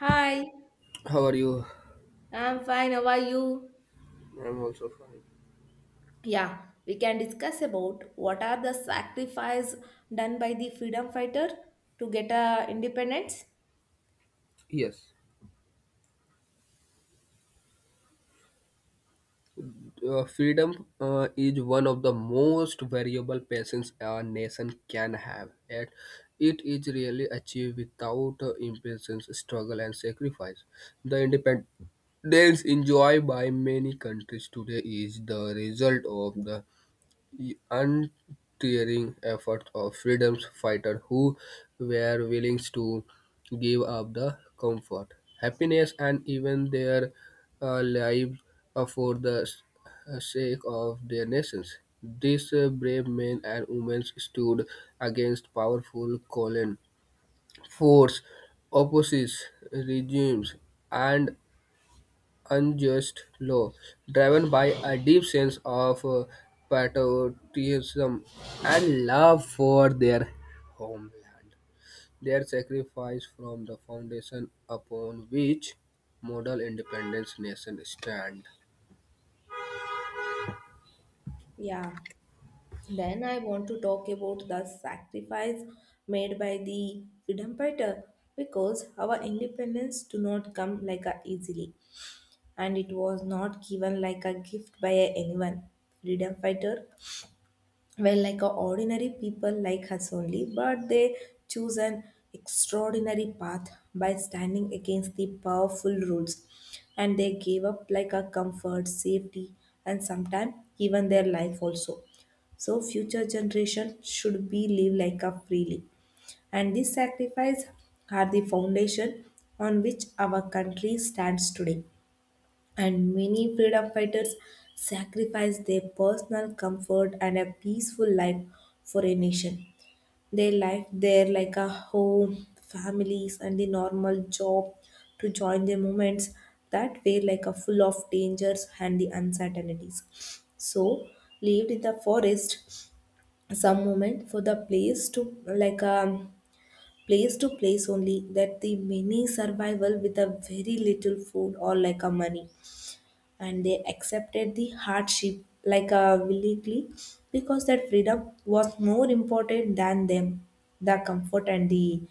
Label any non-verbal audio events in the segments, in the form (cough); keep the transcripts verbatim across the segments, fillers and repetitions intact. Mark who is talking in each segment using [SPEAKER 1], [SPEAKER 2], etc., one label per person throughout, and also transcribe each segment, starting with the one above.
[SPEAKER 1] Hi,
[SPEAKER 2] How are you?
[SPEAKER 1] I'm fine. How are you?
[SPEAKER 2] I'm also fine.
[SPEAKER 1] Yeah, we can discuss about what are the sacrifice done by the freedom fighter to get a independence.
[SPEAKER 2] Yes, uh, freedom uh, is one of the most variable passions a nation can have, and it is really achieved without uh, impatience, struggle, and sacrifice. The independence enjoyed by many countries today is the result of the the untiring efforts of freedom fighters who were willing to give up the comfort, happiness, and even their uh, lives uh, for the s- uh, sake of their nations. These uh, brave men and women stood against powerful colon force, opposite regimes, and unjust law, driven by a deep sense of uh, patriotism and love for their homeland. Their sacrifice from the foundation upon which model independence nation stand.
[SPEAKER 1] Yeah, then I want to talk about the sacrifice made by the freedom fighter because our independence do not come like a easily and it was not given like a gift by anyone. Freedom fighter well like a ordinary people like us only, but they choose an extraordinary path by standing against the powerful rules, and they gave up like a comfort safety and sometimes even their life also, so future generation should be live like a freely, and these sacrifice are the foundation on which our country stands today. And many freedom fighters sacrificed their personal comfort and a peaceful life for a nation. They left their like a home, families, and the normal job to join the movements that were like a full of dangers and the uncertainties. So lived in the forest some moment for the place to like a place to place only, that the many survival with a very little food or like a money, and they accepted the hardship like uh, willingly because that freedom was more important than them, the comfort and the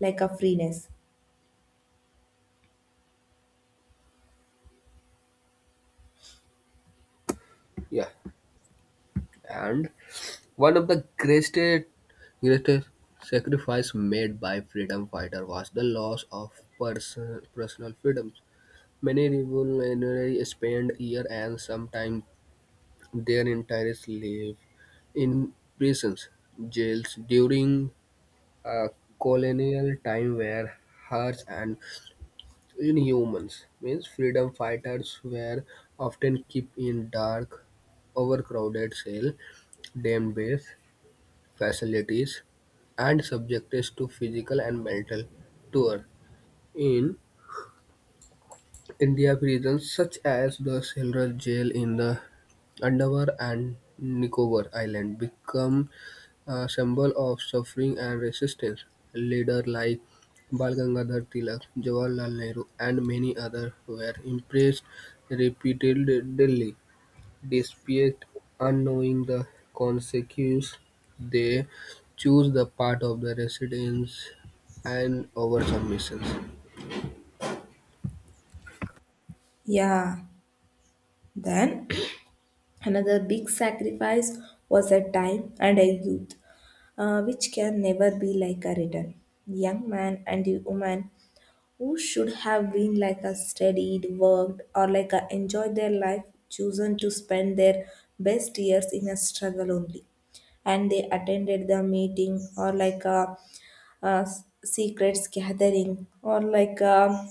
[SPEAKER 1] like a freeness.
[SPEAKER 2] Yeah, and one of the greatest greatest sacrifice made by freedom fighter was the loss of person, personal freedoms. Many revolutionaries spent years and sometimes their entire lived in prisons, jails during a colonial time were harsh and inhumane. Means freedom fighters were often kept in dark, overcrowded cells, damned base facilities, and subjected to physical and mental torture. In India, prisons such as the Silra jail in the Andaman and Nicobar Island become a symbol of suffering and resistance. Leaders like Bal Gangadhar Tilak, Jawaharlal Nehru, and many others were impressed repeatedly, despite unknowing the consequences. They choose the path of the resistance and over submissions.
[SPEAKER 1] Yeah. Then (clears throat) another big sacrifice was a time and a youth uh, which can never be like a return. Young man and the woman who should have been like a studied, worked, or like a enjoyed their life, chosen to spend their best years in a struggle only. And they attended the meeting or like a, a s- secrets gathering or like a.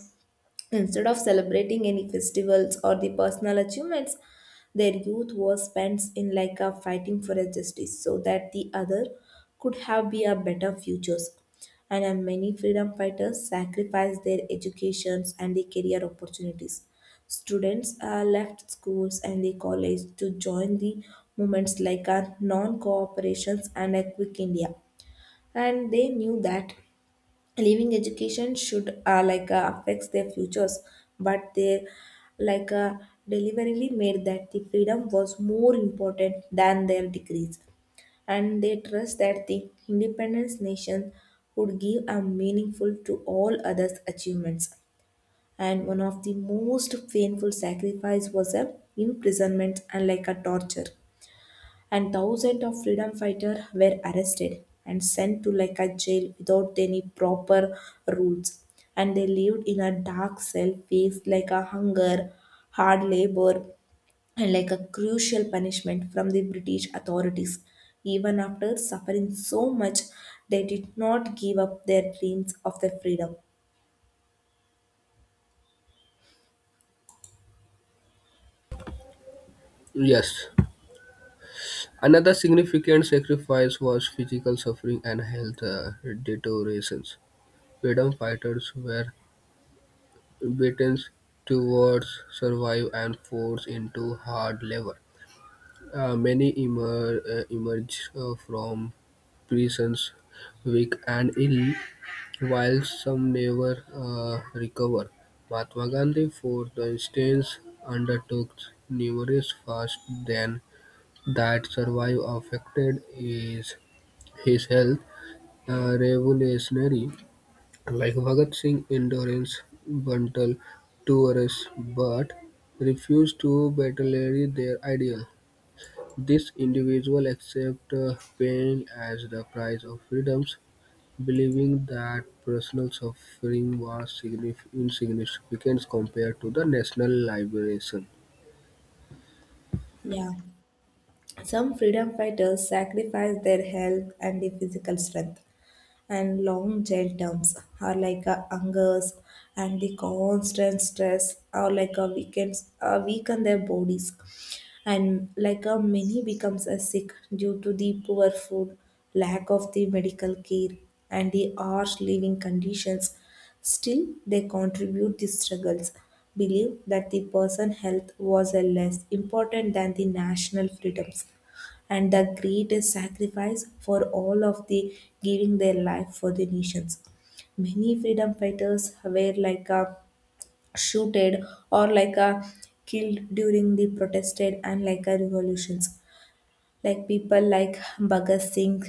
[SPEAKER 1] Instead of celebrating any festivals or the personal achievements, their youth was spent in like a fighting for a justice so that the other could have be a better futures. And uh, many freedom fighters sacrificed their educations and the career opportunities. Students uh, left schools and the college to join the movements like a non-cooperations and a quick India. And they knew that leaving education should uh, like uh, affects their futures, but they like uh, deliberately made that the freedom was more important than their degrees, and they trust that the independence nation would give a meaningful to all others achievements. And one of the most painful sacrifice was a imprisonment and like a torture, and thousands of freedom fighters were arrested and sent to like a jail without any proper rules. And they lived in a dark cell, faced like a hunger, hard labor, and like a crucial punishment from the British authorities. Even after suffering so much, they did not give up their dreams of their freedom.
[SPEAKER 2] Yes. Another significant sacrifice was physical suffering and health uh, deteriorations. Freedom fighters were Britain's towards survive and force into hard labor. Uh, many emer- uh, emerge uh, from prisons weak and ill, while some never uh, recover. Mahatma Gandhi, for instance, undertook numerous fasts then that survive affected is his health. Uh, revolutionary like Bhagat Singh, Indorence Bantal Tourists but refused to betray their ideal. This individual accept uh, pain as the price of freedoms, believing that personal suffering was signif- insignificant compared to the national liberation.
[SPEAKER 1] Yeah. Some freedom fighters sacrificed their health and their physical strength, and long jail terms are like a hungers, and the constant stress are like a weakens uh, weaken their bodies, and like a many becomes a sick due to the poor food, lack of the medical care, and the harsh living conditions. Still, they contribute the struggles, believe that the person health was a less important than the national freedoms. And the greatest sacrifice for all of the giving their life for the nations. Many freedom fighters were like a shooted or like a killed during the protested and like a revolutions. Like people like Bhagat Singh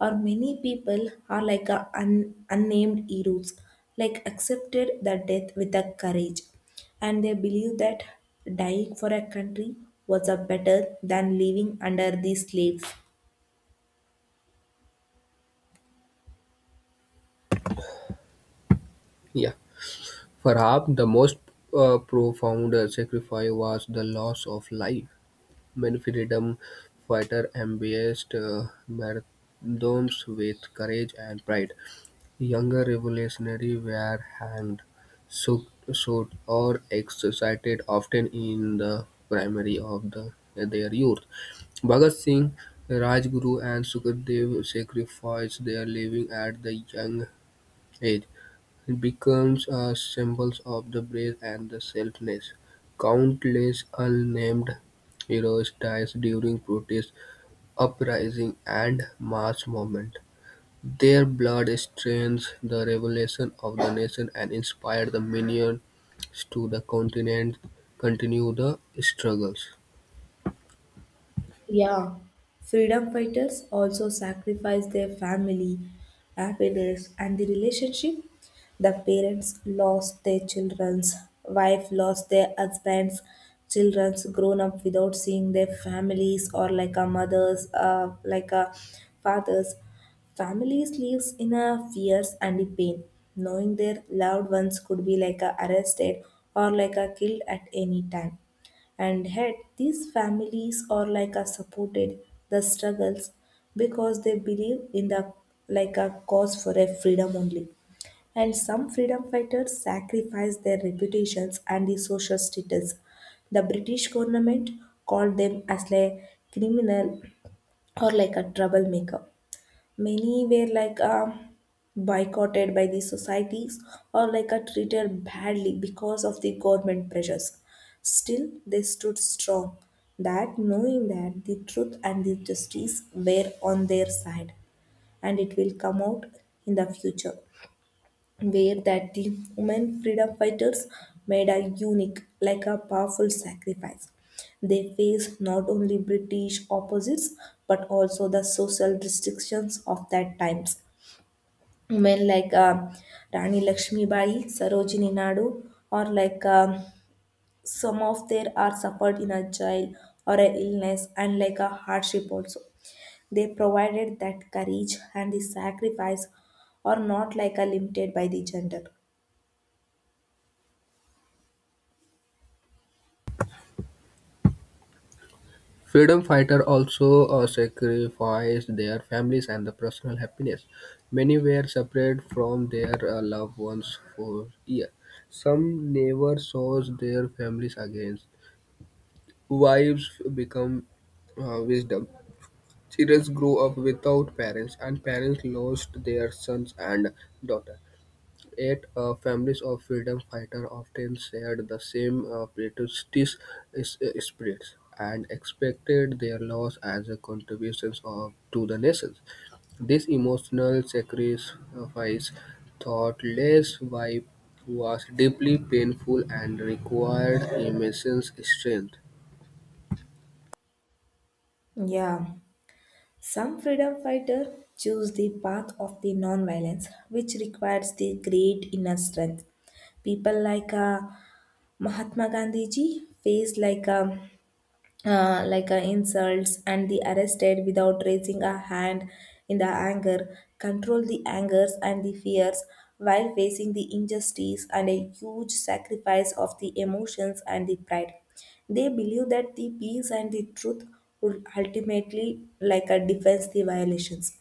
[SPEAKER 1] or many people are like a un- unnamed heroes, like accepted the death with a courage, and they believe that dying for a country was a better than living under the slaves.
[SPEAKER 2] Yeah, perhaps the most uh, profound sacrifice was the loss of life. Many freedom fighters embraced uh, martyrdoms with courage and pride. Younger revolutionaries were hanged, shot, shot, or executed, often in the primary of the, their youth. Bhagat Singh, Rajguru, and Sukhdev sacrificed their living at the young age. It becomes a symbol of the brave and the selfless. Countless unnamed heroes died during protest uprising, and mass movement. Their blood strains the revolution of the nation and inspired the millions to the continent continue the struggles.
[SPEAKER 1] Yeah, freedom fighters also sacrifice their family, happiness, and the relationship. The parents lost their children's, wife lost their husbands, children's grown up without seeing their families or like a mother's, uh, like a father's. Families lives in a fears and the pain, knowing their loved ones could be like a arrested or like a killed at any time. And yet, these families are like a supported the struggles because they believe in the like a cause for a freedom only. And some freedom fighters sacrificed their reputations and the social status. The British government called them as a criminal or like a troublemaker. Many were like uh, boycotted by the societies or like are treated badly because of the government pressures. Still, they stood strong, that knowing that the truth and the justice were on their side, and it will come out in the future, where that the women freedom fighters made a unique, like a powerful sacrifice. They faced not only British opposites but also the social restrictions of that times. Women like uh, Rani Lakshmibai, Sarojini Naidu, or like um, some of their are suffered in a jail or a illness and like a hardship also. They provided that courage and the sacrifice are not like a limited by the gender.
[SPEAKER 2] Freedom fighters also uh, sacrificed their families and the personal happiness. Many were separated from their uh, loved ones for years. Some never saw their families again. Wives become uh, wisdom. Children grew up without parents, and parents lost their sons and daughters. Yet, uh, families of freedom fighters often shared the same uh, patriotic is- spirits and expected their loss as a contribution of, to the nation. This emotional sacrifice, thought less by was deeply painful and required immense strength.
[SPEAKER 1] Yeah, some freedom fighters choose the path of the non-violence, which requires the great inner strength. People like uh, Mahatma Gandhi ji faced like um, uh, like uh, insults and the arrested without raising a hand in the anger, control the angers and the fears while facing the injustice and a huge sacrifice of the emotions and the pride. They believe that the peace and the truth would ultimately like a defense the violations,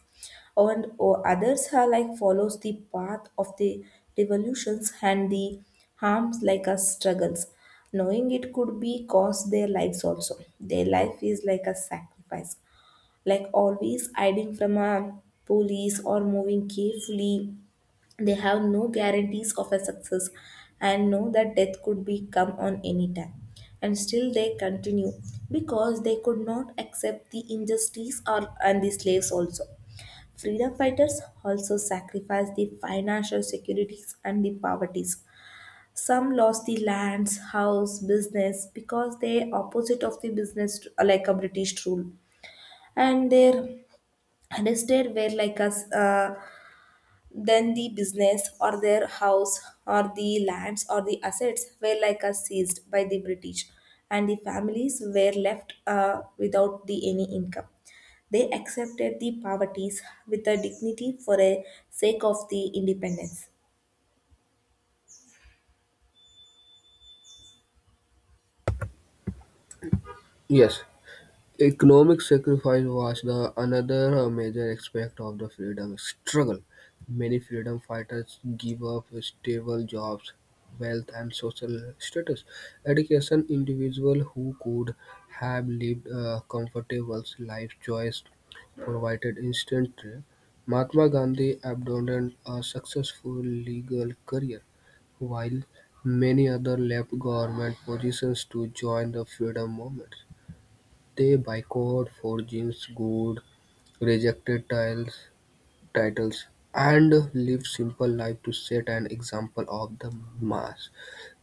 [SPEAKER 1] and or others are like follows the path of the revolutions and the harms like us struggles, knowing it could be cost their lives also. Their life is like a sacrifice, like always hiding from a police or moving carefully. They have no guarantees of a success, and know that death could be come on any time, and still they continue because they could not accept the injustice or and the slaves also. Freedom fighters also sacrificed the financial securities and the poverties. Some lost the lands, house, business because they opposite of the business uh, like a British rule, and their arrested were like us uh, then the business or their house or the lands or the assets were like uh, seized by the British, and the families were left uh, without the any income. They accepted the poverties with a dignity for a sake of the independence.
[SPEAKER 2] Yes. Economic sacrifice was the another uh, major aspect of the freedom struggle. Many freedom fighters gave up stable jobs, wealth, and social status. Education individuals who could have lived a comfortable life choice provided instantly. Mahatma Gandhi abandoned a successful legal career, while many others left government positions to join the freedom movement. They boycotted for James Goode, rejected tiles, titles, and lived simple life to set an example of the mass.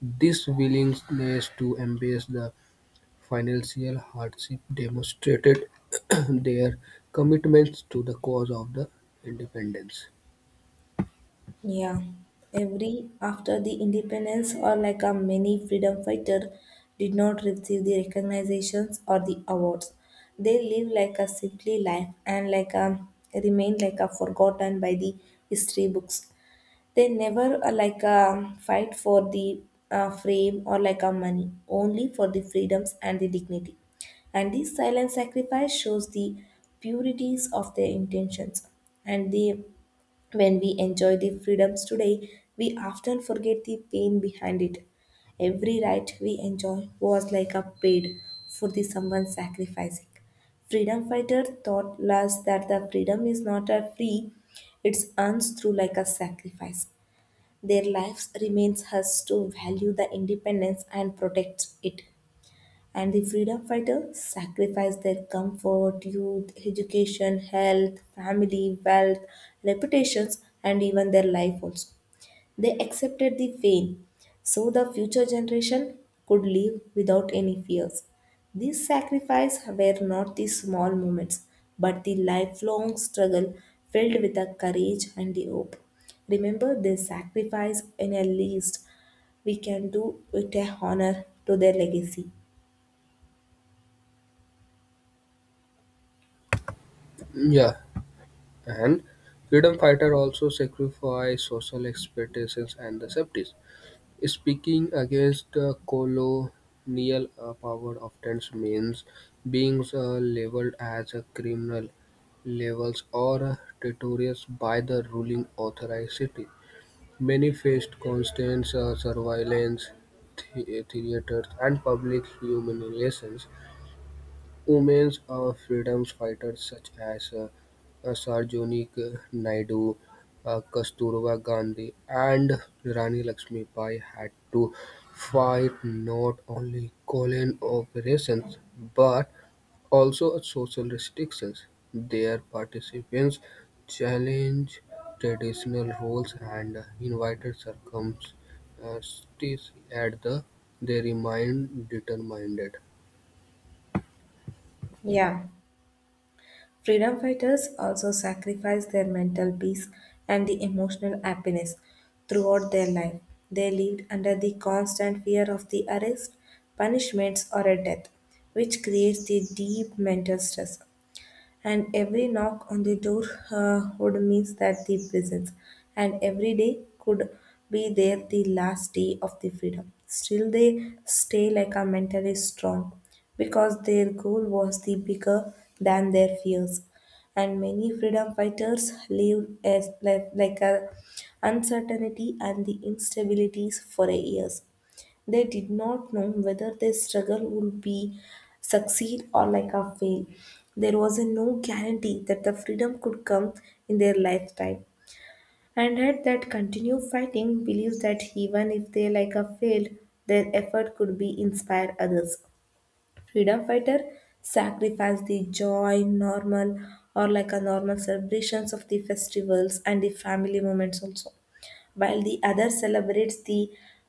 [SPEAKER 2] This willingness to embrace the financial hardship demonstrated (clears throat) their commitments to the cause of the independence.
[SPEAKER 1] Yeah, every after the independence or like a many freedom fighter did not receive the recognitions or the awards. They live like a simply life and like a remain like a forgotten by the history books. They never uh, like um fight for the uh, frame or like a money, only for the freedoms and the dignity, and this silent sacrifice shows the purities of their intentions and the when we enjoy the freedoms today, we often forget the pain behind it. Every right we enjoy was like a paid for the someone sacrificing. Freedom fighter thought was that the freedom is not a free, it's earned through like a sacrifice. Their lives remains us to value the independence and protect it. And the freedom fighter sacrificed their comfort, youth, education, health, family, wealth, reputations, and even their life also. They accepted the fame so the future generation could live without any fears. These sacrifices were not the small moments, but the lifelong struggle filled with the courage and the hope. Remember their sacrifice, and at least we can do it a honor to their legacy.
[SPEAKER 2] Yeah, and freedom fighter also sacrificed social expectations and the safety. Speaking against the colonial uh, power often means being uh, labeled as a criminal, levels or traitorous by the ruling authority. Many faced constant uh, surveillance, the- uh, theaters, and public humiliations. Women are freedom fighters such as uh, uh, Sarojini Naidu, uh, Kasturba Gandhi, and Rani Lakshmibai had to fight not only colon operations but also social restrictions. Their participants challenged traditional roles and invited circumstances at the they remained determined.
[SPEAKER 1] Yeah. Freedom fighters also sacrificed their mental peace and the emotional happiness throughout their life. They lived under the constant fear of the arrest, punishments, or a death, which creates the deep mental stress, and every knock on the door uh, would mean that the presence, and every day could be their the last day of the freedom. Still, they stay like a mentally strong because their goal was the bigger than their fears. And many freedom fighters live as like, like a uncertainty and the instabilities for years. They did not know whether their struggle would be succeed or like a fail. There was a no guarantee that the freedom could come in their lifetime. And had that continue fighting believes that even if they like a failed, their effort could be inspire others. Freedom fighter sacrificed the joy normal or like a normal celebrations of the festivals and the family moments also, while the other celebrates the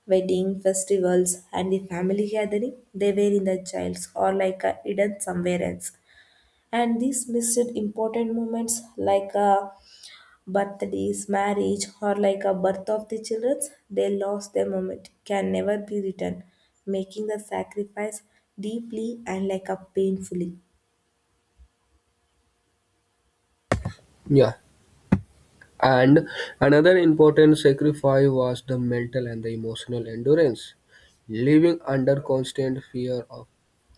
[SPEAKER 1] wedding festivals and the family gathering. They were in the childs or like a hidden somewhere else, and these missed important moments like a birthdays, marriage, or like a birth of the children, they lost their moment, can never be returned, making the sacrifice deeply and like a painfully.
[SPEAKER 2] Yeah. And another important sacrifice was the mental and the emotional endurance. Living under constant fear of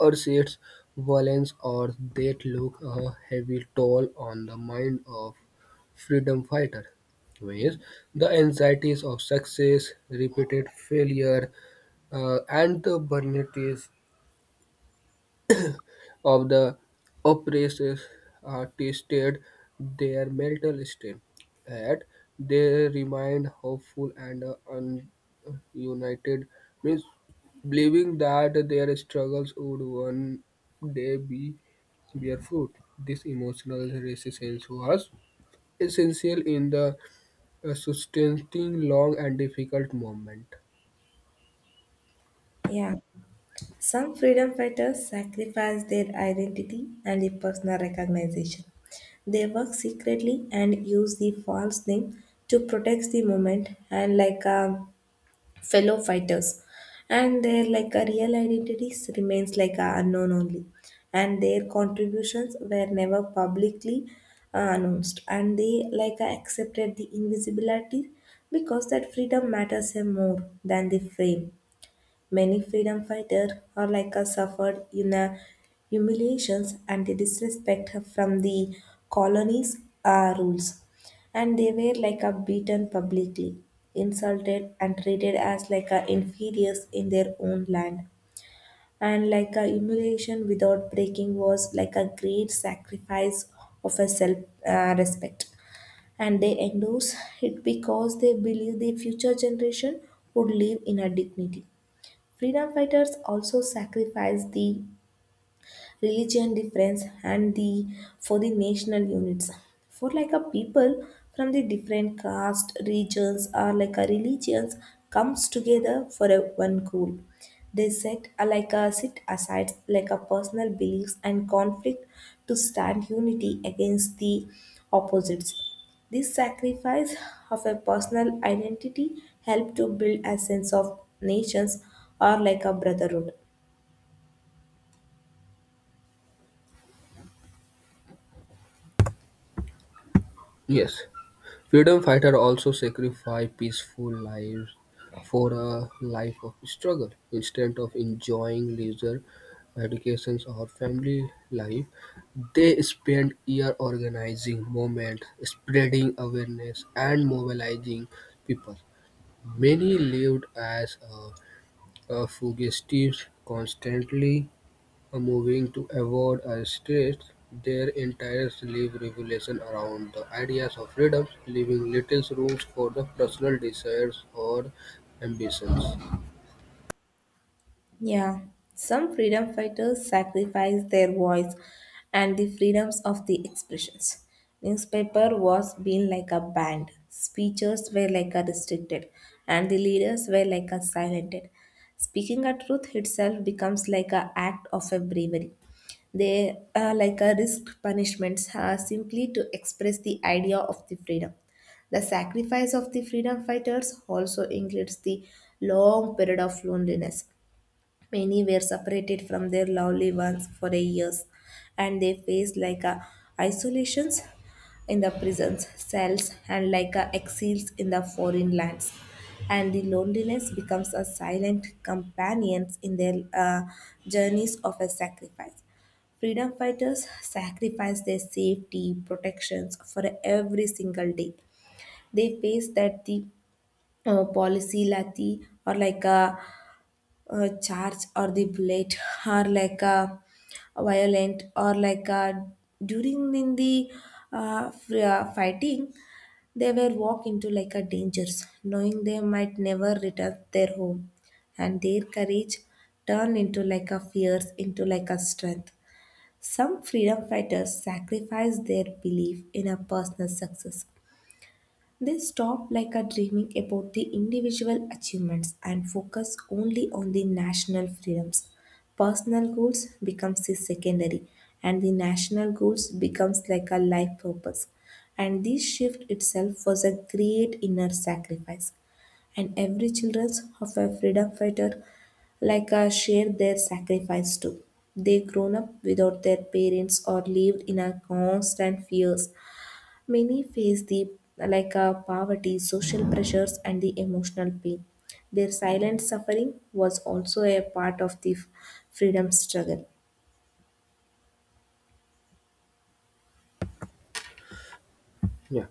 [SPEAKER 2] earthquakes, violence, or death took a heavy toll on the mind of freedom fighter. Whereas the anxieties of success, repeated failure, uh, and the burnout of the oppressed tasted their mental strain, yet they remained hopeful and uh, un- united, means believing that their struggles would one day be bear fruit. This emotional resistance was essential in the uh, sustaining long and difficult moment.
[SPEAKER 1] Yeah. Some freedom fighters sacrifice their identity and a personal recognition. They work secretly and use the false name to protect the moment and like um, fellow fighters and their like a real identities remains like a unknown only, and their contributions were never publicly uh, announced, and they like uh, accepted the invisibility because that freedom matters them more than the fame. Many freedom fighters are like us suffered in the humiliations and the disrespect from the colonies' uh, rules, and they were like a beaten publicly, insulted, and treated as like a inferiors in their own land. And like a humiliation without breaking was like a great sacrifice of a self uh, respect, and they endorse it because they believe the future generation would live in a dignity. Freedom fighters also sacrificed the religion difference and the for the national units for like a people from the different caste regions or like a religions comes together for a one goal. They set a, like a sit aside like a personal beliefs and conflict to stand unity against the opposites. This sacrifice of a personal identity helped to build a sense of nations or like a brotherhood.
[SPEAKER 2] Yes. Freedom fighters also sacrificed peaceful lives for a life of struggle. Instead of enjoying leisure, education, or family life, they spent years organizing movements, spreading awareness, and mobilizing people. Many lived as a uh, fugitives, constantly moving to avoid a stress, their entire sleeve revolution around the ideas of freedom, leaving little room for the personal desires or ambitions.
[SPEAKER 1] Yeah, some freedom fighters sacrificed their voice and the freedoms of the expressions. Newspaper was being like a banned, speeches were like a restricted, and the leaders were like a silented. Speaking a truth itself becomes like a act of a bravery. They are like a risked punishments uh, simply to express the idea of the freedom. The sacrifice of the freedom fighters also includes the long period of loneliness. Many were separated from their lovely ones for a years, and they faced like a isolations in the prisons, cells, and like a exiles in the foreign lands. And the loneliness becomes a silent companion in their uh, journeys of a sacrifice. Freedom fighters sacrifice their safety, protections for every single day. They face that the uh, policy lati or like a uh, charge or the bullet or like a violent or like a during in the uh, fr- uh, fighting. They were walk into like a dangers knowing they might never return their home, and their courage turned into like a fears into like a strength. Some freedom fighters sacrificed their belief in a personal success. They stop like a dreaming about the individual achievements and focus only on the national freedoms. Personal goals becomes the secondary, and the national goals becomes like a life purpose. And this shift itself was a great inner sacrifice. And every children's of a freedom fighter like a share their sacrifice too. They grown up without their parents or lived in a constant fears. Many face the like uh, poverty, social pressures, and the emotional pain. Their silent suffering was also a part of the f- freedom struggle.
[SPEAKER 2] Yeah.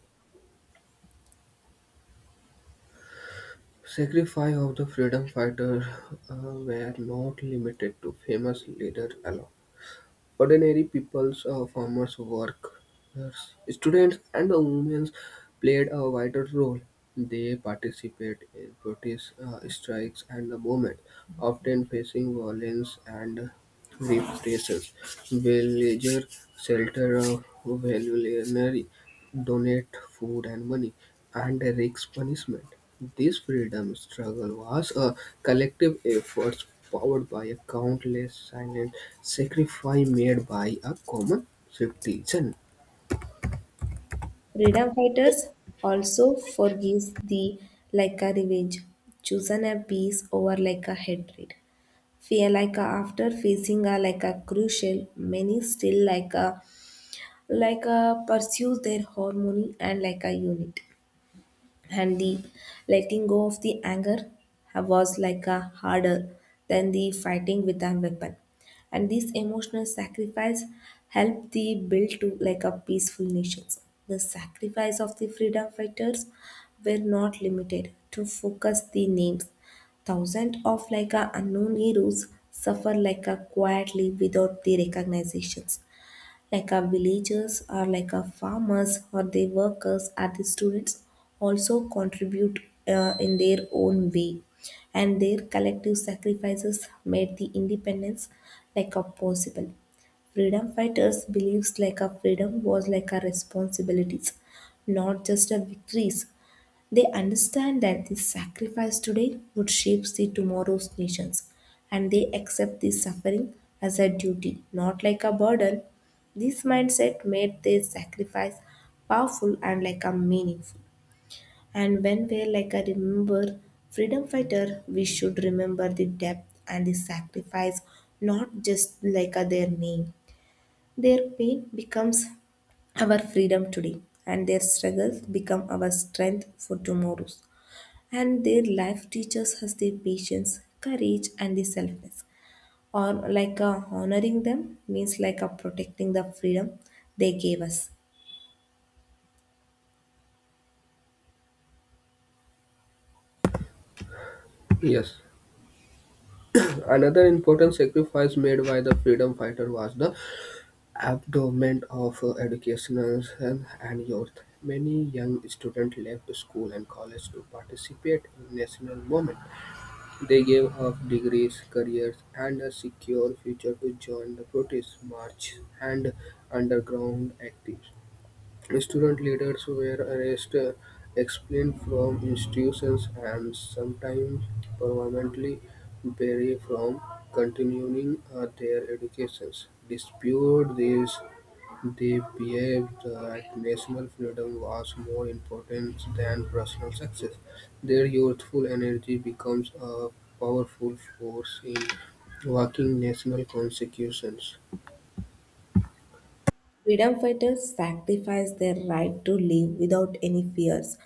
[SPEAKER 2] Sacrifice of the freedom fighters uh, were not limited to famous leaders alone. Ordinary peoples, uh, farmers, workers, students, and the women played a vital role. They participated in protest uh, strikes and the movement, often facing violence and repressions. Villagers sheltered uh, voluntarily donate food and money, and risk punishment. This freedom struggle was a collective effort powered by a countless silent sacrifice made by a common citizen.
[SPEAKER 1] Freedom fighters also forgives the like a revenge, chosen a peace over like a hatred. Fear like a, after facing a like a crucial, many still like a like a pursue their harmony and like a unit, and the letting go of the anger was like a harder than the fighting with a weapon, and this emotional sacrifice helped the build to like a peaceful nations. The sacrifice of the freedom fighters were not limited to focus the names. Thousands of like a unknown heroes suffer like a quietly without the recognitions like our villagers or like our farmers or the workers or the students also contribute uh, in their own way, and their collective sacrifices made the independence like a possible. Freedom fighters believes like a freedom was like a responsibilities, not just a victories. They understand that this sacrifice today would shape the tomorrow's nations, and they accept this suffering as a duty, not like a burden. This mindset made their sacrifice powerful and like a meaningful. And when we like a remember freedom fighter, we should remember the depth and the sacrifice, not just like a their name. Their pain becomes our freedom today, and their struggles become our strength for tomorrows, and their life teaches us their patience courage and the selfness or like uh, honoring them means like uh, protecting the freedom they gave us.
[SPEAKER 2] Yes. Another important sacrifice made by the freedom fighter was the abandonment of uh, educational and, and youth. Many young students left school and college to participate in national movement. They gave up degrees, careers, and a secure future to join the protest march and underground actives. Student leaders were arrested, expelled from institutions, and sometimes permanently barred from continuing uh, their educations. Dispute these they believed that national freedom was more important than personal success. Their youthful energy becomes a powerful force in working national consecutions.
[SPEAKER 1] Freedom fighters sacrifice their right to live without any fears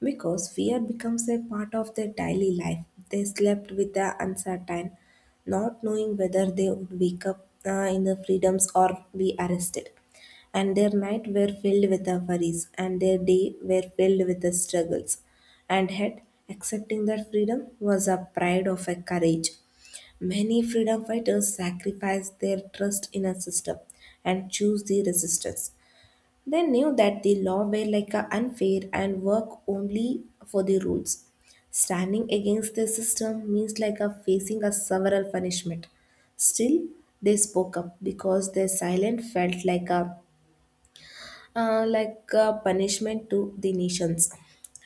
[SPEAKER 1] because fear becomes a part of their daily life. They slept with the uncertain, not knowing whether they would wake up uh, in the freedoms or be arrested. And their night were filled with the worries, and their day were filled with the struggles. And yet, accepting that freedom was a pride of a courage. Many freedom fighters sacrificed their trust in a system and chose the resistance. They knew that the law were like a unfair and work only for the rules. Standing against the system means like a facing a several punishment. Still, they spoke up because their silence felt like a uh, like a punishment to the nations.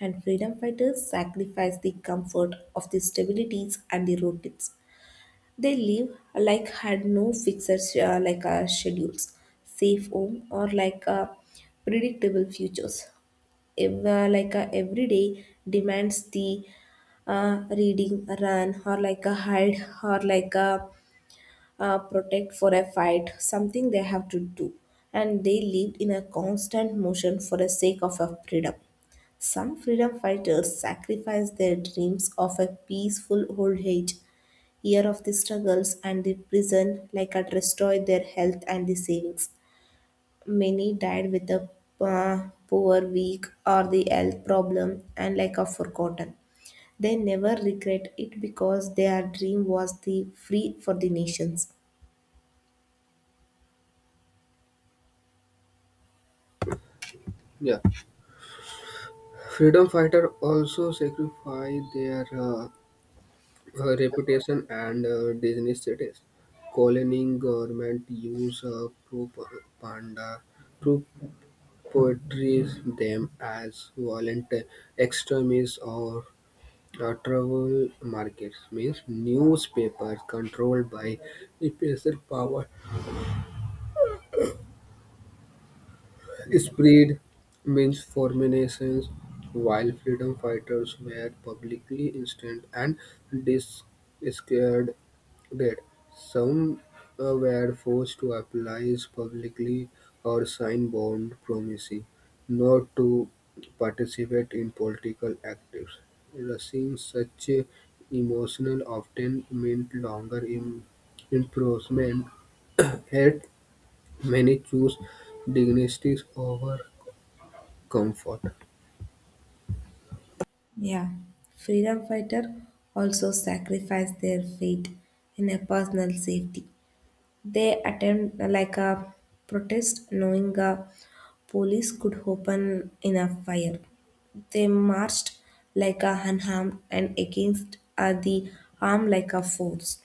[SPEAKER 1] And freedom fighters sacrificed the comfort of the stabilities and the routines. They live like had no fixed uh, like uh, schedules, safe home or like uh, predictable futures. Ev- uh, like uh, every day demands the uh, reading, run or like a hide or like a uh, protect for a fight, something they have to do. And they lived in a constant motion for the sake of a freedom. Some freedom fighters sacrificed their dreams of a peaceful old age. Year of the struggles and the prison like had destroyed their health and the savings. Many died with a uh, poor, weak, or the health problem and like are forgotten. They never regret it because their dream was the free for the nations.
[SPEAKER 2] Yeah. Freedom fighters also sacrificed their uh, uh, reputation and uh, Disney status. Colony government use uh, propaganda to portray them as violent extremists or Uh, travel markets means newspapers controlled by special power. Spread means formations, while freedom fighters were publicly instant and discussed did. Some uh, were forced to apologize publicly or sign bond promising not to participate in political actives. Receiving such uh, emotional often meant longer im- imprisonment. Yet many choose dignity over comfort.
[SPEAKER 1] Yeah. Freedom fighter also sacrificed their fate in a personal safety. They attempt like a protest, knowing uh, police could open enough fire. They marched like a unharmed and against uh, the arm like a force,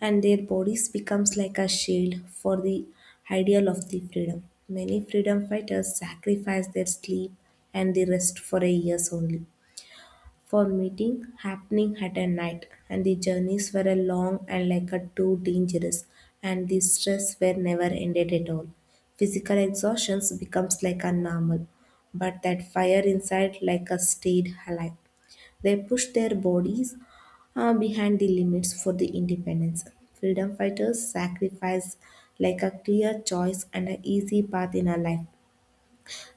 [SPEAKER 1] and their bodies becomes like a shield for the ideal of the freedom. Many freedom fighters sacrifice their sleep and the rest for a years only for meeting happening at a night, and the journeys were a long and like a too dangerous, and the stress were never ended at all. Physical exhaustions becomes like a normal, but that fire inside like a stayed alive. They pushed their bodies uh, behind the limits for the independence. Freedom fighters sacrificed like a clear choice and an easy path in a life.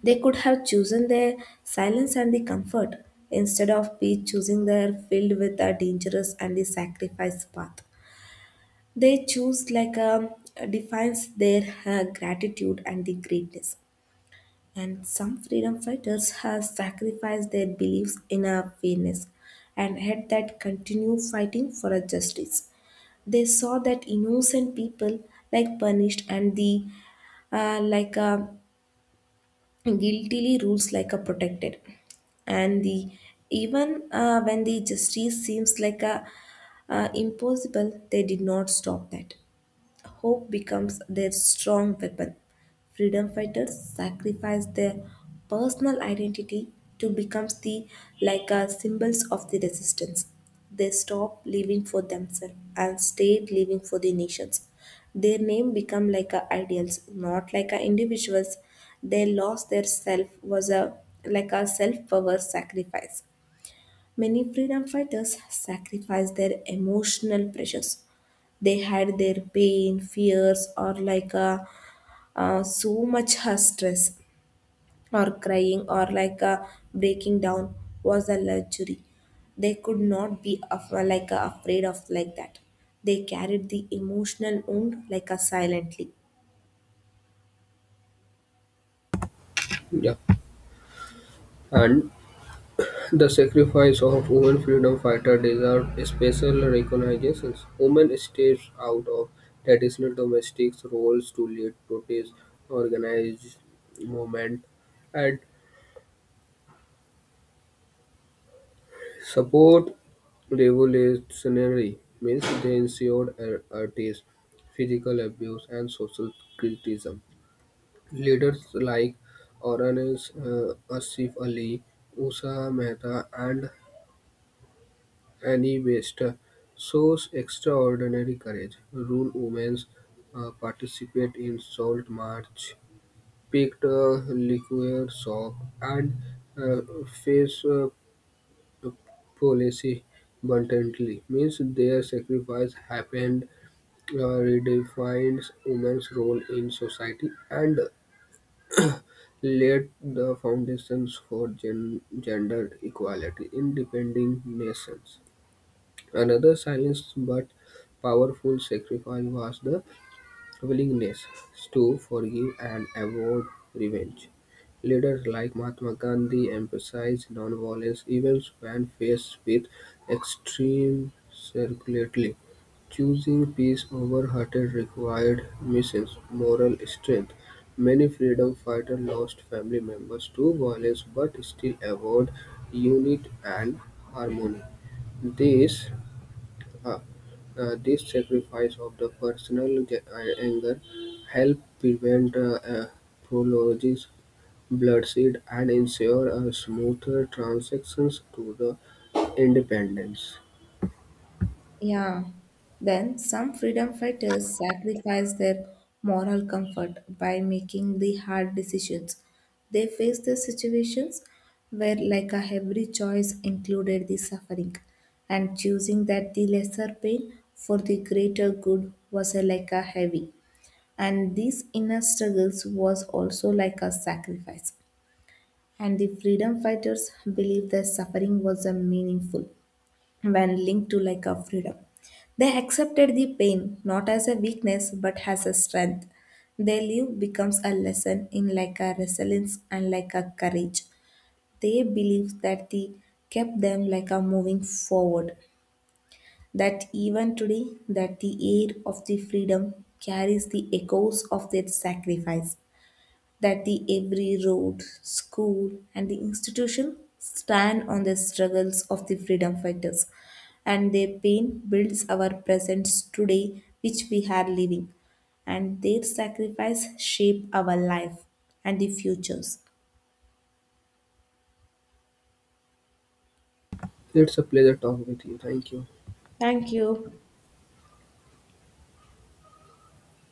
[SPEAKER 1] They could have chosen their silence and the comfort instead of be choosing their field with a dangerous and the sacrifice path. They choose like a defines their uh, gratitude and the greatness. And some freedom fighters have sacrificed their beliefs in a fairness and had that continue fighting for a justice. They saw that innocent people like punished and the uh, like uh, guiltily rules like a protected, and the even uh, when the justice seems like a uh, impossible, they did not stop that. Hope becomes their strong weapon. Freedom fighters sacrifice their personal identity to become the like uh, symbols of the resistance. They stop living for themselves and stayed living for the nations. Their name become like a ideals, not like a individuals. They lost their self was a like a self power sacrifice. Many freedom fighters sacrifice their emotional pressures. They had their pain fears or like a uh, so much her stress or crying or like a breaking down was a luxury they could not be af- like a afraid of like that. They carried the emotional wound like a silently.
[SPEAKER 2] Yeah. And the sacrifice of women freedom fighters deserve special recognition. Women stepped out of traditional domestic roles to lead protest organized movement and support revolutionary means they ensured ar- artists, physical abuse and social criticism. Leaders like Orange uh, Asif Ali, Usha Mehta and Annie Bester shows extraordinary courage. Rural women uh, participate in salt march, picked uh, liquor shop, and uh, face uh, policy bluntly. Means their sacrifice happened, uh, redefined women's role in society, and laid the foundations for gen- gender equality in depending nations. Another silent but powerful sacrifice was the willingness to forgive and avoid revenge. Leaders like Mahatma Gandhi emphasized nonviolence even when faced with extreme circularity. Choosing peace over hatred required missions, moral strength. Many freedom fighters lost family members to violence but still avoid unity and harmony. This uh, uh, this sacrifice of the personal ga- uh, anger helped prevent uh, uh, prolonged bloodshed and ensure a smoother transitions to the independence.
[SPEAKER 1] Yeah. Then some freedom fighters sacrifice their moral comfort by making the hard decisions. They face the situations where like a every choice included the suffering, and choosing that the lesser pain for the greater good was a, like a heavy, and these inner struggles was also like a sacrifice, and the freedom fighters believed that suffering was a meaningful when linked to like a freedom. They accepted the pain not as a weakness but as a strength. Their life becomes a lesson in like a resilience and like a courage. They believe that they kept them like a moving forward. That even today that the air of the freedom carries the echoes of their sacrifice, that the every road, school, and the institution stand on the struggles of the freedom fighters, and their pain builds our presence today, which we are living, and their sacrifice shape our life and the futures.
[SPEAKER 2] It's a pleasure talking with you. Thank you.
[SPEAKER 1] Thank you.